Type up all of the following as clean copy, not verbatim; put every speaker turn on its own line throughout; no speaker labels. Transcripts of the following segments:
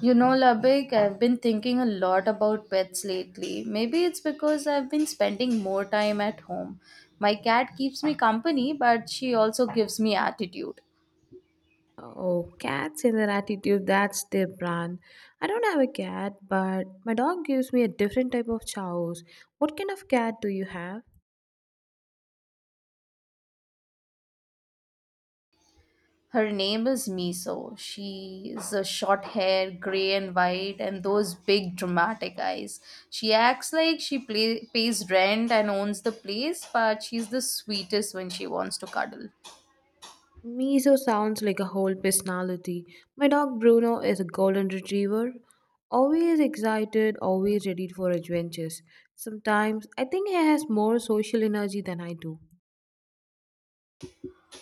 You know, Labik, I've been thinking a lot about pets lately. Maybe it's because I've been spending more time at home. My cat keeps me company, but she also gives me attitude.
Oh, cats in their attitude, that's their brand. I don't have a cat, but my dog gives me a different type of chows. What kind of cat do you have?
Her name is Miso. She is a short hair, gray and white, and those big dramatic eyes. She acts like pays rent and owns the place, but she's the sweetest when she wants to cuddle.
Miso sounds like a whole personality. My dog Bruno is a golden retriever, always excited, always ready for adventures. Sometimes I think he has more social energy than I do.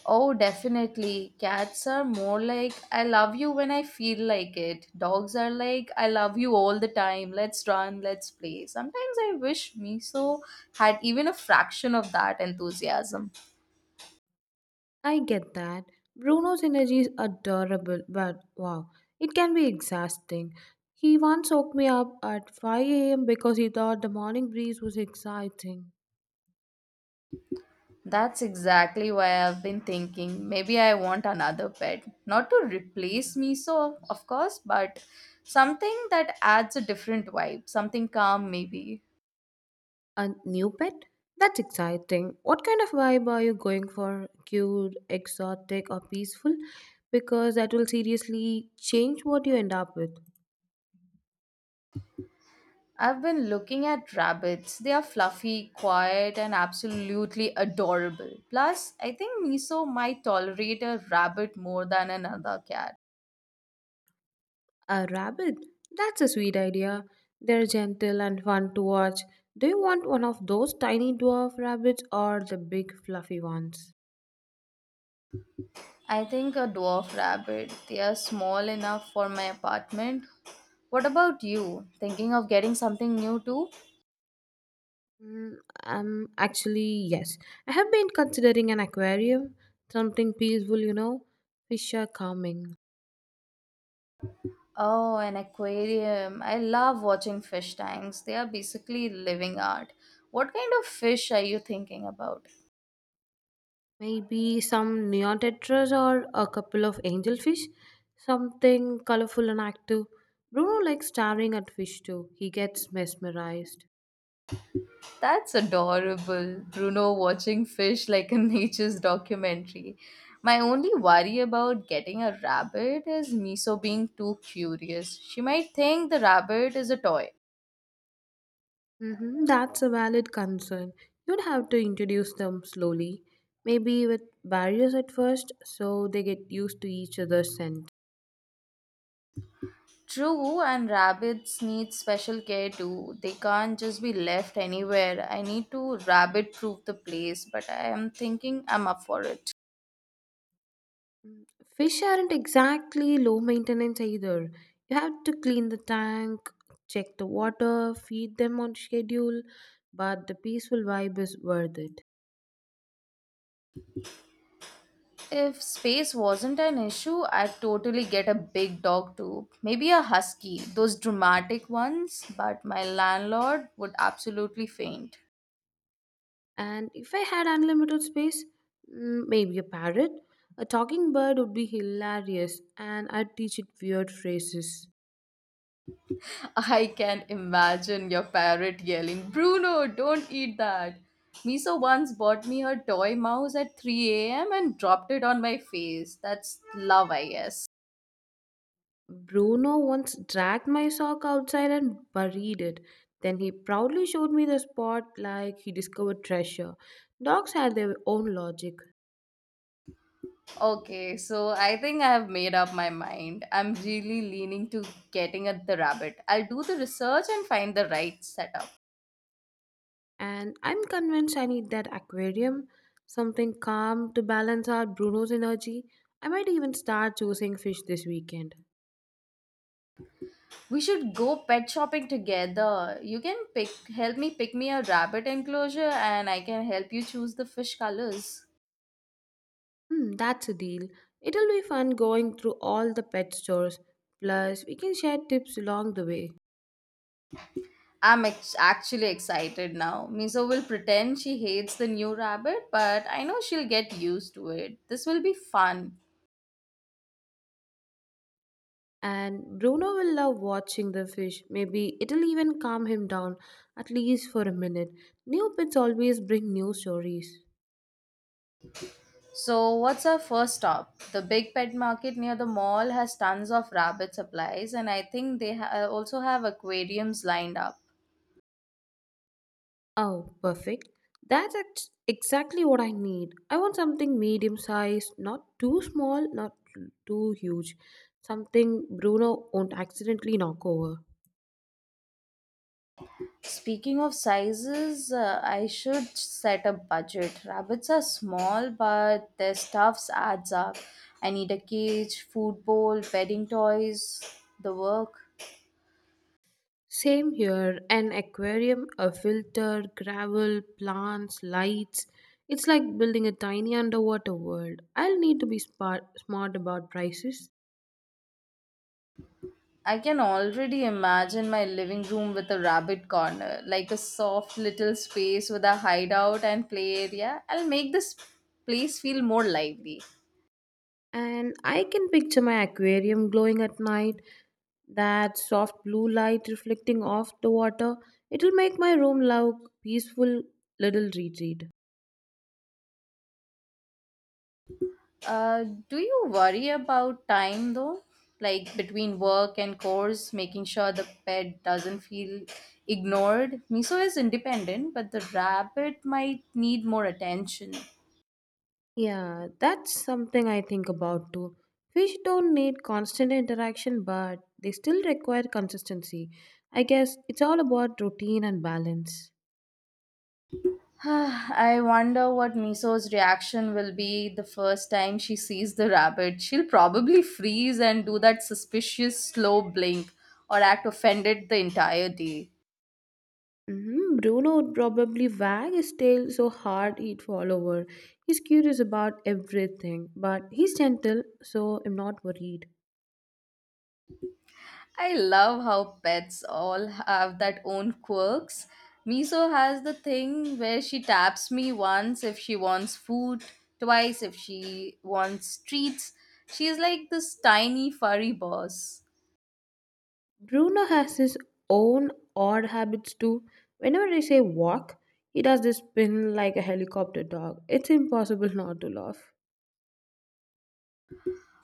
Oh, definitely. Cats are more like, I love you when I feel like it. Dogs are like, I love you all the time. Let's run, let's play. Sometimes I wish Miso had even a fraction of that enthusiasm.
I get that. Bruno's energy is adorable, but wow, it can be exhausting. He once woke me up at 5 a.m. because he thought the morning breeze was exciting.
That's exactly why I've been thinking maybe I want another pet. Not to replace Miso, of course, but something that adds a different vibe, something calm maybe.
A new pet? That's exciting. What kind of vibe are you going for? Cute, exotic, or peaceful? Because that will seriously change what you end up with.
I've been looking at rabbits. They are fluffy, quiet, and absolutely adorable. Plus, I think Miso might tolerate a rabbit more than another cat.
A rabbit? That's a sweet idea. They're gentle and fun to watch. Do you want one of those tiny dwarf rabbits or the big fluffy ones?
I think a dwarf rabbit. They are small enough for my apartment. What about you? Thinking of getting something new too?
Mm, Actually, yes. I have been considering an aquarium. Something peaceful, you know. Fish are calming.
Oh, an aquarium. I love watching fish tanks. They are basically living art. What kind of fish are you thinking about?
Maybe some neotetras or a couple of angelfish. Something colorful and active. Bruno likes staring at fish too. He gets mesmerized.
That's adorable. Bruno watching fish like a nature's documentary. My only worry about getting a rabbit is Miso being too curious. She might think the rabbit is a toy.
That's a valid concern. You'd have to introduce them slowly, maybe with barriers at first, so they get used to each other's scent.
True, and rabbits need special care too. They can't just be left anywhere. I need to rabbit proof the place, but I am thinking I'm up for it.
Fish aren't exactly low maintenance either. You have to clean the tank, check the water, feed them on schedule, but the peaceful vibe is worth it.
If space wasn't an issue, I'd totally get a big dog too. Maybe a husky, those dramatic ones, but my landlord would absolutely faint.
And if I had unlimited space, maybe a parrot. A talking bird would be hilarious, and I'd teach it weird phrases.
I can imagine your parrot yelling, Bruno, don't eat that. Miso once bought me her toy mouse at 3 a.m. and dropped it on my face. That's love, I guess.
Bruno once dragged my sock outside and buried it. Then he proudly showed me the spot like he discovered treasure. Dogs have their own logic,
Okay, so I think I have made up my mind. I'm really leaning to getting at the rabbit. I'll do the research and find the right setup.
and I'm convinced I need that aquarium, something calm to balance out Bruno's energy. I might even start choosing fish this weekend.
We should go pet shopping together. You can pick help me pick me a rabbit enclosure and I can help you choose the fish colors.
Hmm, that's a deal. It'll be fun going through all the pet stores. Plus, we can share tips along the way.
Actually excited now. Miso will pretend she hates the new rabbit, but I know she'll get used to it. This will be fun.
And Bruno will love watching the fish. Maybe it'll even calm him down, at least for a minute. New pets always bring new stories.
So, what's our first stop? The big pet market near the mall has tons of rabbit supplies, and I think also have aquariums lined up.
Oh, perfect. Exactly what I need. I want something medium sized, not too small, not too huge. Something Bruno won't accidentally knock over.
Speaking of sizes, I should set a budget. Rabbits are small, but their stuffs adds up. I need a cage, food bowl, bedding toys, the work.
Same here an aquarium, a filter, gravel, plants, lights. It's like building a tiny underwater world. I'll need to be smart about prices.
I can already imagine my living room with a rabbit corner, like a soft little space with a hideout and play area. I'll make this place feel more lively.
And I can picture my aquarium glowing at night, that soft blue light reflecting off the water. It'll make my room look peaceful little retreat.
Uh, do you worry about time though? Like between work and course, making sure the pet doesn't feel ignored. Miso is independent, but the rabbit might need more attention.
Yeah, that's something I think about too. Fish don't need constant interaction, but they still require consistency. I guess it's all about routine and balance.
I wonder what Miso's reaction will be the first time she sees the rabbit. She'll probably freeze and do that suspicious slow blink or act offended the entire day.
Bruno would probably wag his tail so hard he'd fall over. He's curious about everything, but he's gentle, so I'm not worried.
I love how pets all have that own quirks. Miso has the thing where she taps me once if she wants food, twice if she wants treats. She's like this tiny furry boss.
Bruno has his own odd habits too. Whenever I say walk, he does this spin like a helicopter dog. It's impossible not to laugh.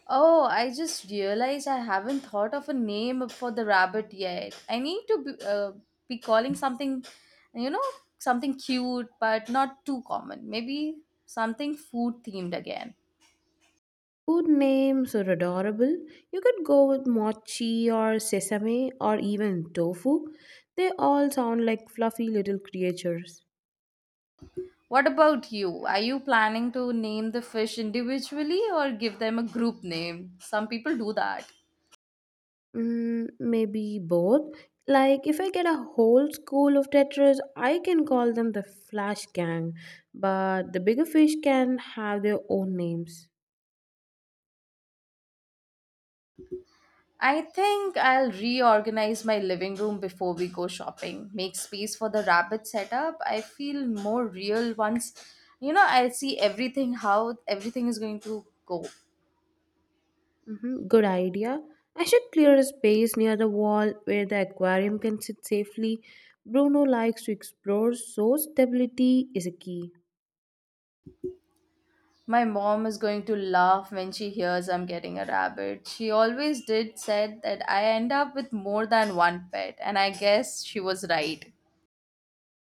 Oh, I just realized I haven't thought of a name for the rabbit yet. I need to be calling something, you know, something cute but not too common. Maybe something food themed again.
Food names are adorable. You could go with mochi or sesame or even tofu. They all sound like fluffy little creatures.
What about you? Are you planning to name the fish individually or give them a group name? Some people do that.
Mm, maybe both. Like, if I get a whole school of tetras, I can call them the Flash Gang, but the bigger fish can have their own names.
I think I'll reorganize my living room before we go shopping. Make space for the rabbit setup. I feel more real once, you know, I see everything how everything is going to go.
Good idea. I should clear a space near the wall where the aquarium can sit safely. Bruno likes to explore, so stability is a key.
My mom is going to laugh when she hears I'm getting a rabbit. She always did said that I end up with more than one pet and I guess she was right.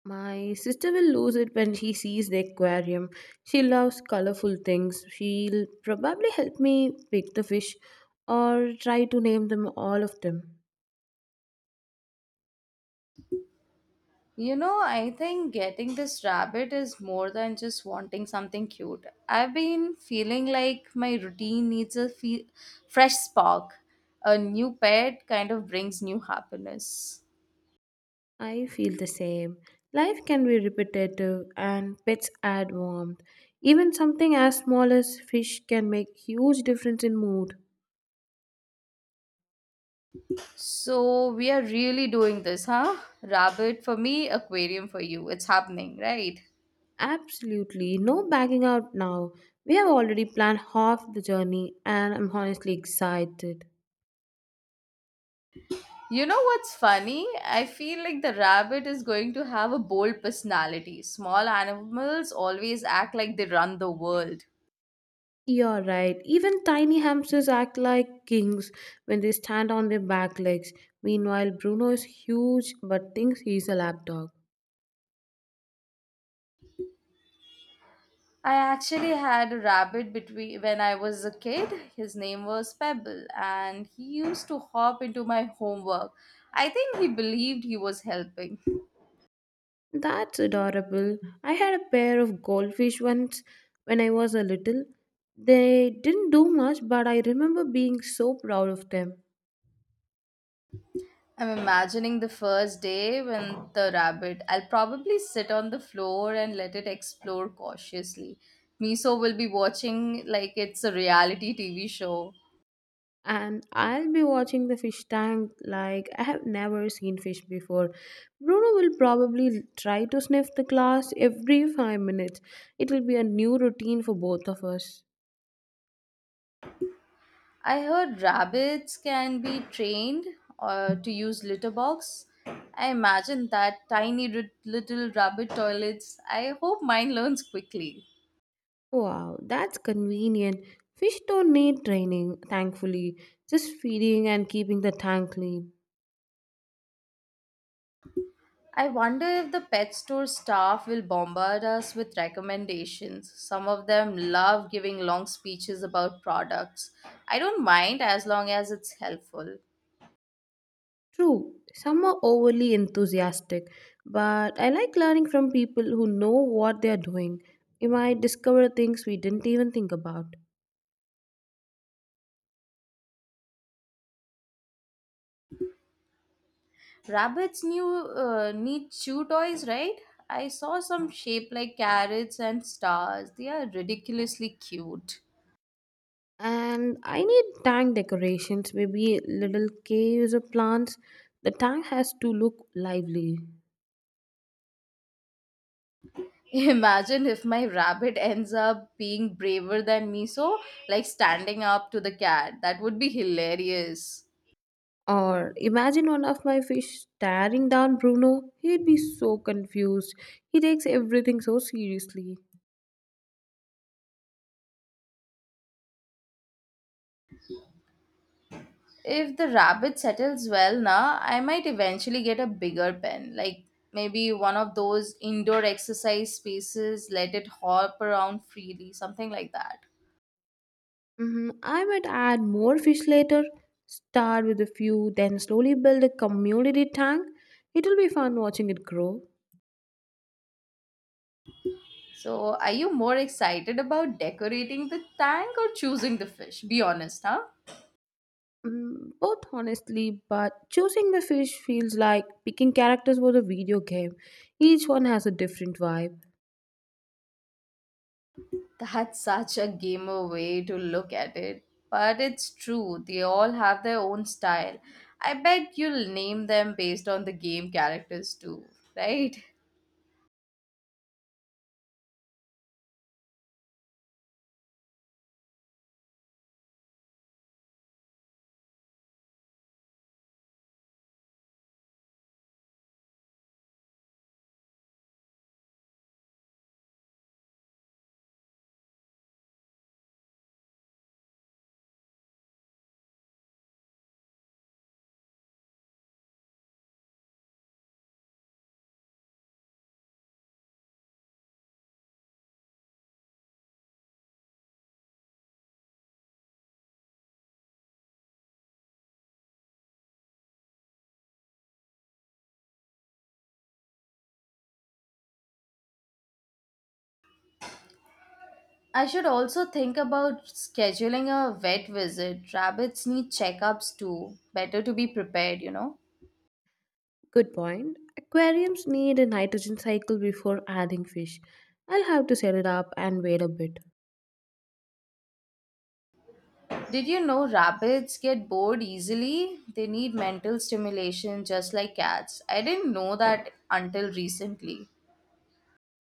My sister will lose it when she sees the aquarium. She loves colorful things. She'll probably help me pick the fish or try to name them all of them.
You know, I think getting this rabbit is more than just wanting something cute. I've been feeling like my routine needs fresh spark. A new pet kind of brings new happiness.
I feel the same. Life can be repetitive and pets add warmth. Even something as small as fish can make huge difference in mood.
So, we are really doing this, huh? Rabbit for me, aquarium for you. It's happening, right?
Absolutely, no backing out now. We have already planned half the journey and I'm honestly excited.
You know what's funny? I feel like the rabbit is going to have a bold personality. Small animals always act like they run the world.
You're right. Even tiny hamsters act like kings when they stand on their back legs. Meanwhile, Bruno is huge but thinks he's a lapdog.
I actually had a rabbit between when I was a kid. His name was Pebble, and he used to hop into my homework. I think he believed he was helping.
That's adorable. I had a pair of goldfish once when I was a little. They didn't do much, but I remember being so proud of them.
I'm imagining the first day when the rabbit. I'll probably sit on the floor and let it explore cautiously. Miso will be watching like it's a reality TV show.
And I'll be watching the fish tank like I have never seen fish before. Bruno will probably try to sniff the glass every 5 minutes. It will be a new routine for both of us.
I heard rabbits can be trained to use litter box. I imagine that tiny little rabbit toilets. I hope mine learns quickly.
Wow, that's convenient. Fish don't need training, thankfully, just feeding and keeping the tank clean.
I wonder if the pet store staff will bombard us with recommendations. Some of them love giving long speeches about products. I don't mind as long as it's helpful.
True, some are overly enthusiastic, but I like learning from people who know what they are doing. You might discover things we didn't even think about.
Rabbits new need chew toys, right? I saw some shape like carrots and stars. They are ridiculously cute.
And I need tank decorations, maybe little caves or plants. The tank has to look lively.
Imagine if my rabbit ends up being braver than me, so like standing up to the cat. That would be hilarious.
Or imagine one of my fish staring down Bruno. He'd be so confused. He takes everything so seriously.
If the rabbit settles well now, I might eventually get a bigger pen. Like maybe one of those indoor exercise spaces, let it hop around freely, something like that.
I might add more fish later. Start with a few, then slowly build a community tank. It'll be fun watching it grow.
So, are you more excited about decorating the tank or choosing the fish? Be honest, huh?
Mm, both honestly, but choosing the fish feels like picking characters for a video game. Each one has a different vibe.
That's such a gamer way to look at it. But it's true, they all have their own style. I bet you'll name them based on the game characters too, right? I should also think about scheduling a vet visit. Rabbits need checkups too. Better to be prepared, you know?
Good point. Aquariums need a nitrogen cycle before adding fish. I'll have to set it up and wait a bit.
Did you know rabbits get bored easily? They need mental stimulation just like cats. I didn't know that until recently.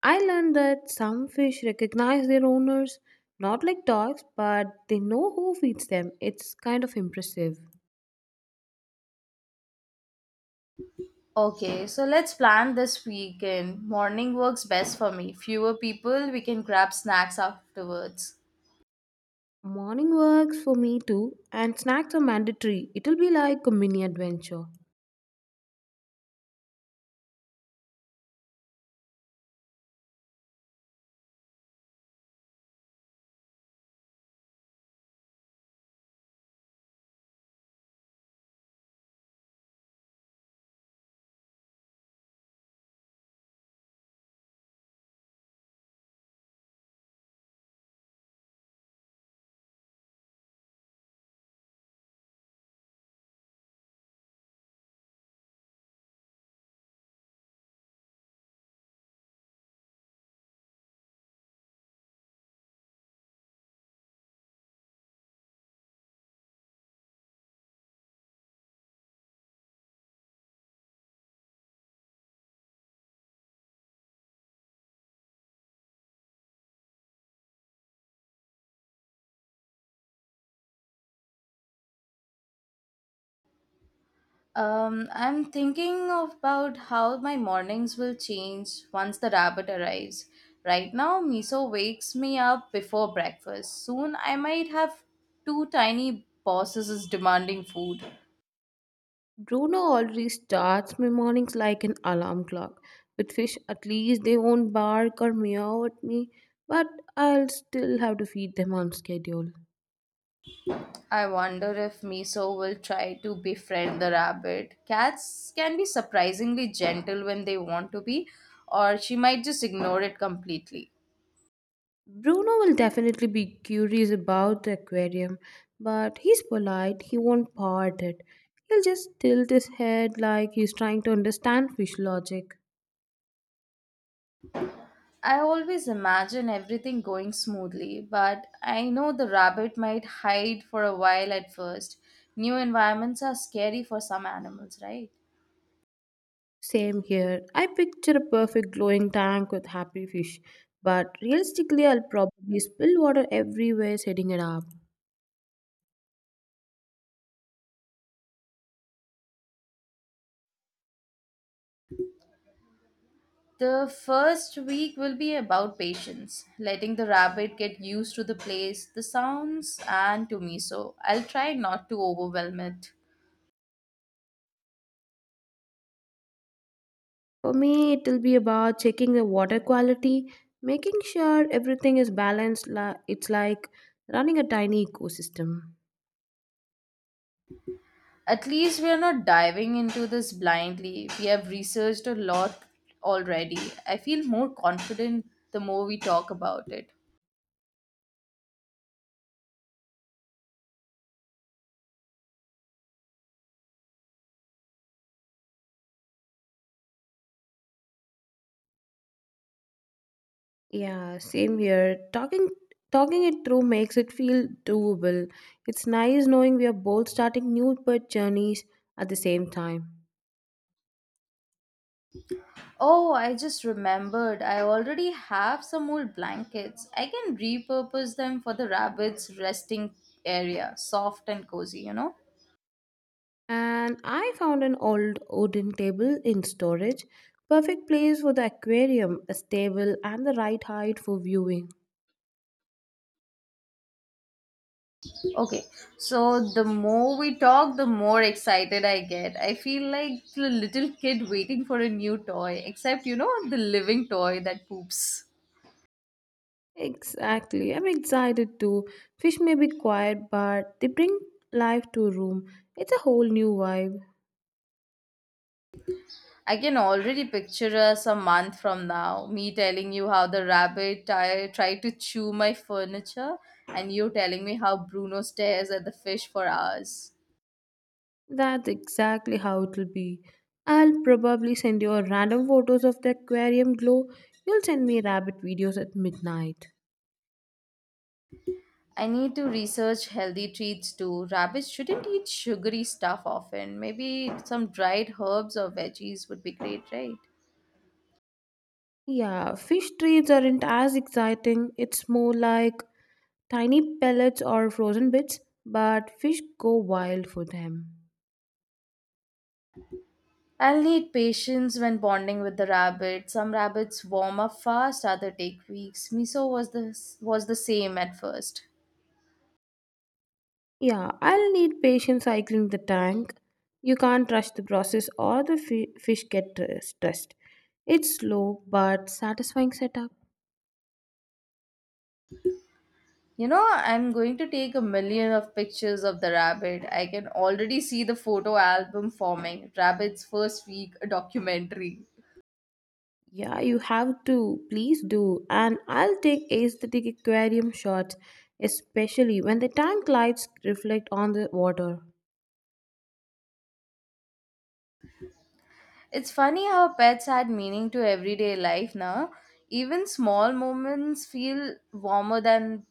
I learned that some fish recognize their owners, not like dogs, but they know who feeds them. It's kind of impressive.
Okay, so let's plan this weekend. Morning works best for me. Fewer people, we can grab snacks afterwards.
Morning works for me too, and snacks are mandatory. It'll be like a mini adventure.
I'm thinking about how my mornings will change once the rabbit arrives. Right now, Miso wakes me up before breakfast. Soon, I might have two tiny bosses demanding food.
Bruno already starts my mornings like an alarm clock. With fish, at least they won't bark or meow at me, but I'll still have to feed them on schedule.
I wonder if Miso will try to befriend the rabbit. Cats can be surprisingly gentle when they want to be, or she might just ignore it completely.
Bruno will definitely be curious about the aquarium, but he's polite, he won't paw at it. He'll just tilt his head like he's trying to understand fish logic.
I always imagine everything going smoothly, but I know the rabbit might hide for a while at first. New environments are scary for some animals, right?
Same here. I picture a perfect glowing tank with happy fish, but realistically, I'll probably spill water everywhere setting it up.
The first week will be about patience, letting the rabbit get used to the place, the sounds, and to Miso. I'll try not to overwhelm it.
For me, it will be about checking the water quality, making sure everything is balanced. It's like running a tiny ecosystem.
At least we are not diving into this blindly. We have researched a lot already. I feel more confident the more we talk about it.
Yeah, same here. Talking it through makes it feel doable. It's nice knowing we are both starting new birth journeys at the same time.
Oh, I just remembered. I already have some old blankets. I can repurpose them for the rabbits' resting area. Soft and cozy, you know?
And I found an old wooden table in storage. Perfect place for the aquarium, a stable and the right height for viewing.
Okay, so the more we talk, the more excited I get. I feel like the little kid waiting for a new toy, except, you know, the living toy that poops.
Exactly. I'm excited too. Fish may be quiet, but they bring life to a room. It's a whole new vibe.
I can already picture us a month from now, me telling you how tried to chew my furniture, and you telling me how Bruno stares at the fish for hours.
That's exactly how it'll be. I'll probably send you a random photos of the aquarium glow. You'll send me rabbit videos at midnight.
I need to research healthy treats too. Rabbits shouldn't eat sugary stuff often. Maybe some dried herbs or veggies would be great, right?
Yeah, fish treats aren't as exciting. It's more like tiny pellets or frozen bits, but fish go wild for them.
I'll need patience when bonding with the rabbit. Some rabbits warm up fast, other take weeks. Miso was the same at first.
Yeah, I'll need patience cycling the tank. You can't rush the process or the fish get stressed. It's slow but satisfying setup.
You know, I'm going to take a million of pictures of the rabbit. I can already see the photo album forming. Rabbit's first week, a documentary.
Yeah, you have to. Please do. And I'll take aesthetic aquarium shots, especially when the tank lights reflect on the water.
It's funny how pets add meaning to everyday life now. Even small moments feel warmer than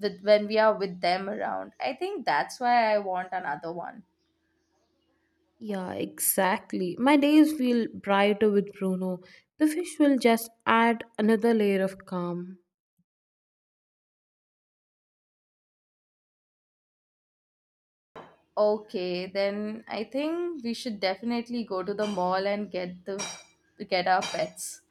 with when we are with them around. I think that's why I want another one.
Yeah, exactly. My days feel brighter with Bruno. The fish will just add another layer of calm.
Okay, then I think we should definitely go to the mall and get our pets.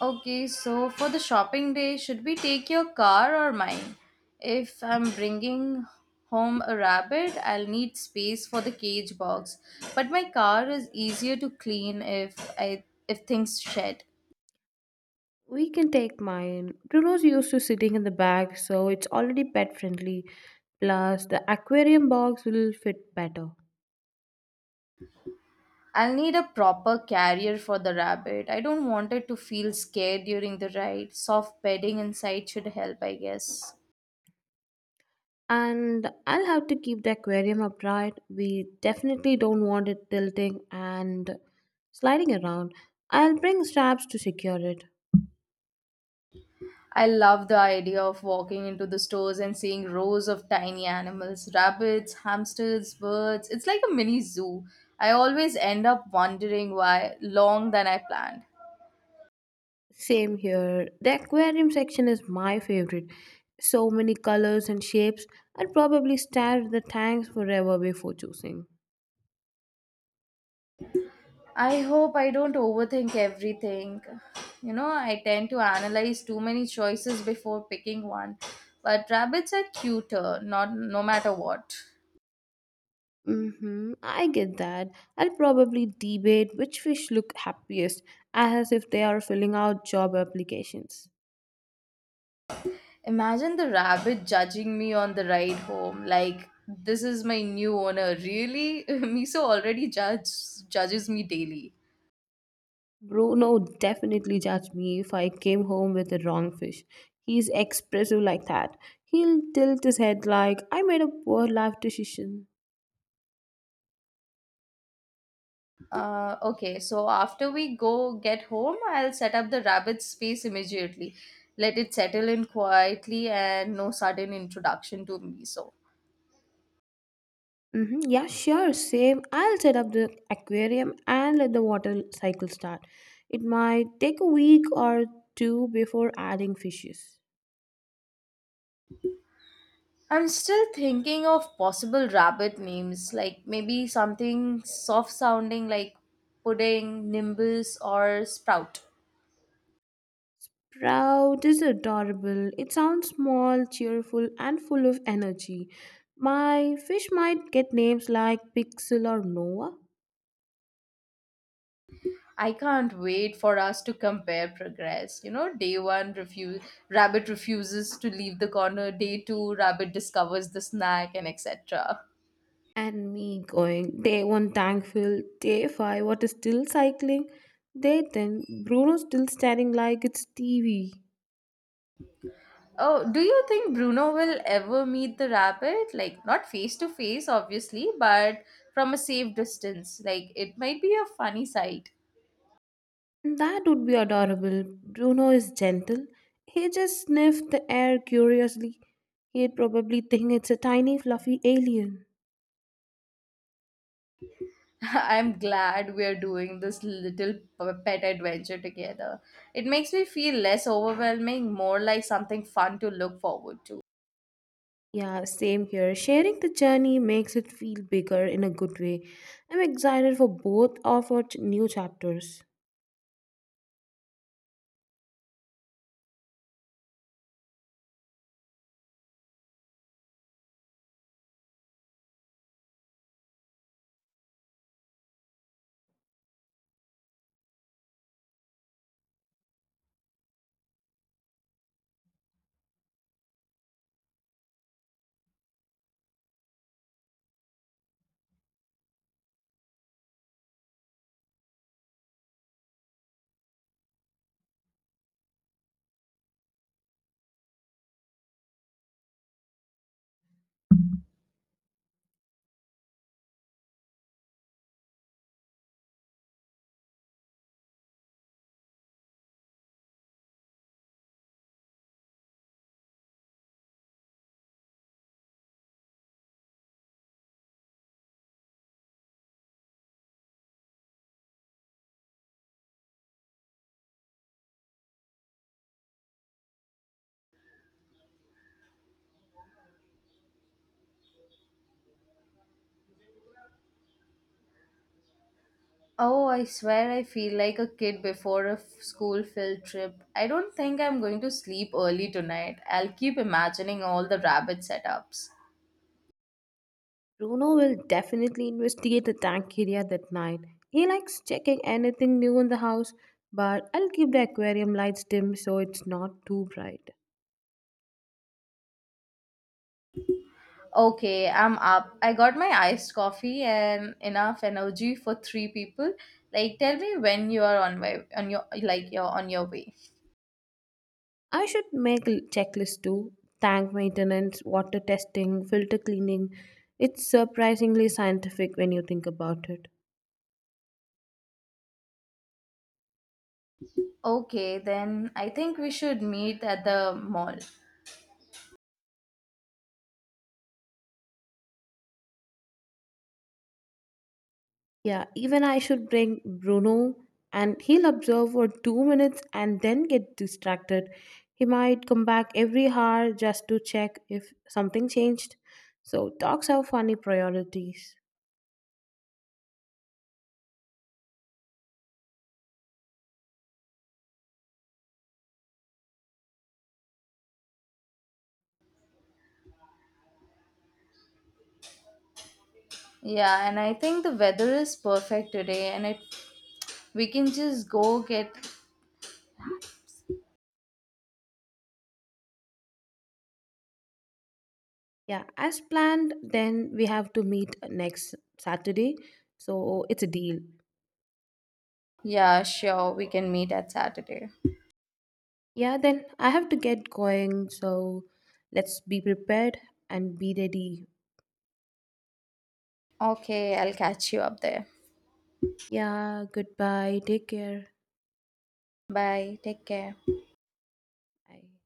Okay, so for the shopping day, should we take your car or mine? If I'm bringing home a rabbit, I'll need space for the cage box, but my car is easier to clean if things shed.
We can take mine. Bruno's used to sitting in the back, so it's already pet friendly. Plus, the aquarium box will fit better.
I'll need a proper carrier for the rabbit. I don't want it to feel scared during the ride. Soft bedding inside should help, I guess.
And I'll have to keep the aquarium upright. We definitely don't want it tilting and sliding around. I'll bring straps to secure it.
I love the idea of walking into the stores and seeing rows of tiny animals rabbits, hamsters, birds. It's like a mini zoo. I always end up wondering why long than I planned.
Same here. The aquarium section is my favorite. So many colors and shapes. I'd probably stare at the tanks forever before choosing.
I hope I don't overthink everything. You know, I tend to analyze too many choices before picking one. But rabbits are cuter, not no matter what.
Mm-hmm, I get that. I'll probably debate which fish look happiest, as if they are filling out job applications.
Imagine the rabbit judging me on the ride home. Like, this is my new owner. Really? Miso already judges me daily.
Bruno would definitely judge me if I came home with the wrong fish. He's expressive like that. He'll tilt his head like I made a poor life decision.
Okay, so after we go get home, I'll set up the rabbit's space immediately. Let it settle in quietly and no sudden introduction to Miso.
Mm-hmm. Yeah, sure, same. I'll set up the aquarium and let the water cycle start. It might take a week or two before adding fishes.
I'm still thinking of possible rabbit names, like maybe something soft sounding like pudding, nimbus, or sprout.
Proud is adorable. It sounds small, cheerful, and full of energy. My fish might get names like Pixel or Noah.
I can't wait for us to compare progress. You know, day one, rabbit refuses to leave the corner. Day two, rabbit discovers the snack and etc.
And me going day one thankful, day five, what is still cycling, day ten Bruno still staring like it's TV.
Oh, do you think Bruno will ever meet the rabbit? Like, not face to face, obviously, but from a safe distance. Like, it might be a funny sight.
That would be adorable. Bruno is gentle. He just sniffed the air curiously. He'd probably think it's a tiny fluffy alien.
I'm glad we're doing this little pet adventure together. It makes me feel less overwhelming, more like something fun to look forward to.
Yeah, same here. Sharing the journey makes it feel bigger in a good way. I'm excited for both of our new chapters.
Oh, I swear I feel like a kid before school field trip. I don't think I'm going to sleep early tonight. I'll keep imagining all the rabbit setups.
Bruno will definitely investigate the tank area that night. He likes checking anything new in the house, but I'll keep the aquarium lights dim so it's not too bright.
Okay, I'm up. I got my iced coffee and enough energy for three people. Like tell me when you are on my on your you're on your way.
I should make a checklist too, tank maintenance, water testing, filter cleaning. It's surprisingly scientific when you think about it.
Okay, then I think we should meet at the mall.
Yeah, even I should bring Bruno and he'll observe for 2 minutes and then get distracted. He might come back every hour just to check if something changed. So, dogs have funny priorities.
Yeah, and I think the weather is perfect today and it we can just go get.
Yeah, as planned, then we have to meet next Saturday. So, it's a deal.
Yeah, sure. We can meet at Saturday.
Yeah, then I have to get going. So, let's be prepared and be ready.
Okay, I'll catch you up there.
Yeah, goodbye. Take care.
Bye. Take care.
Bye.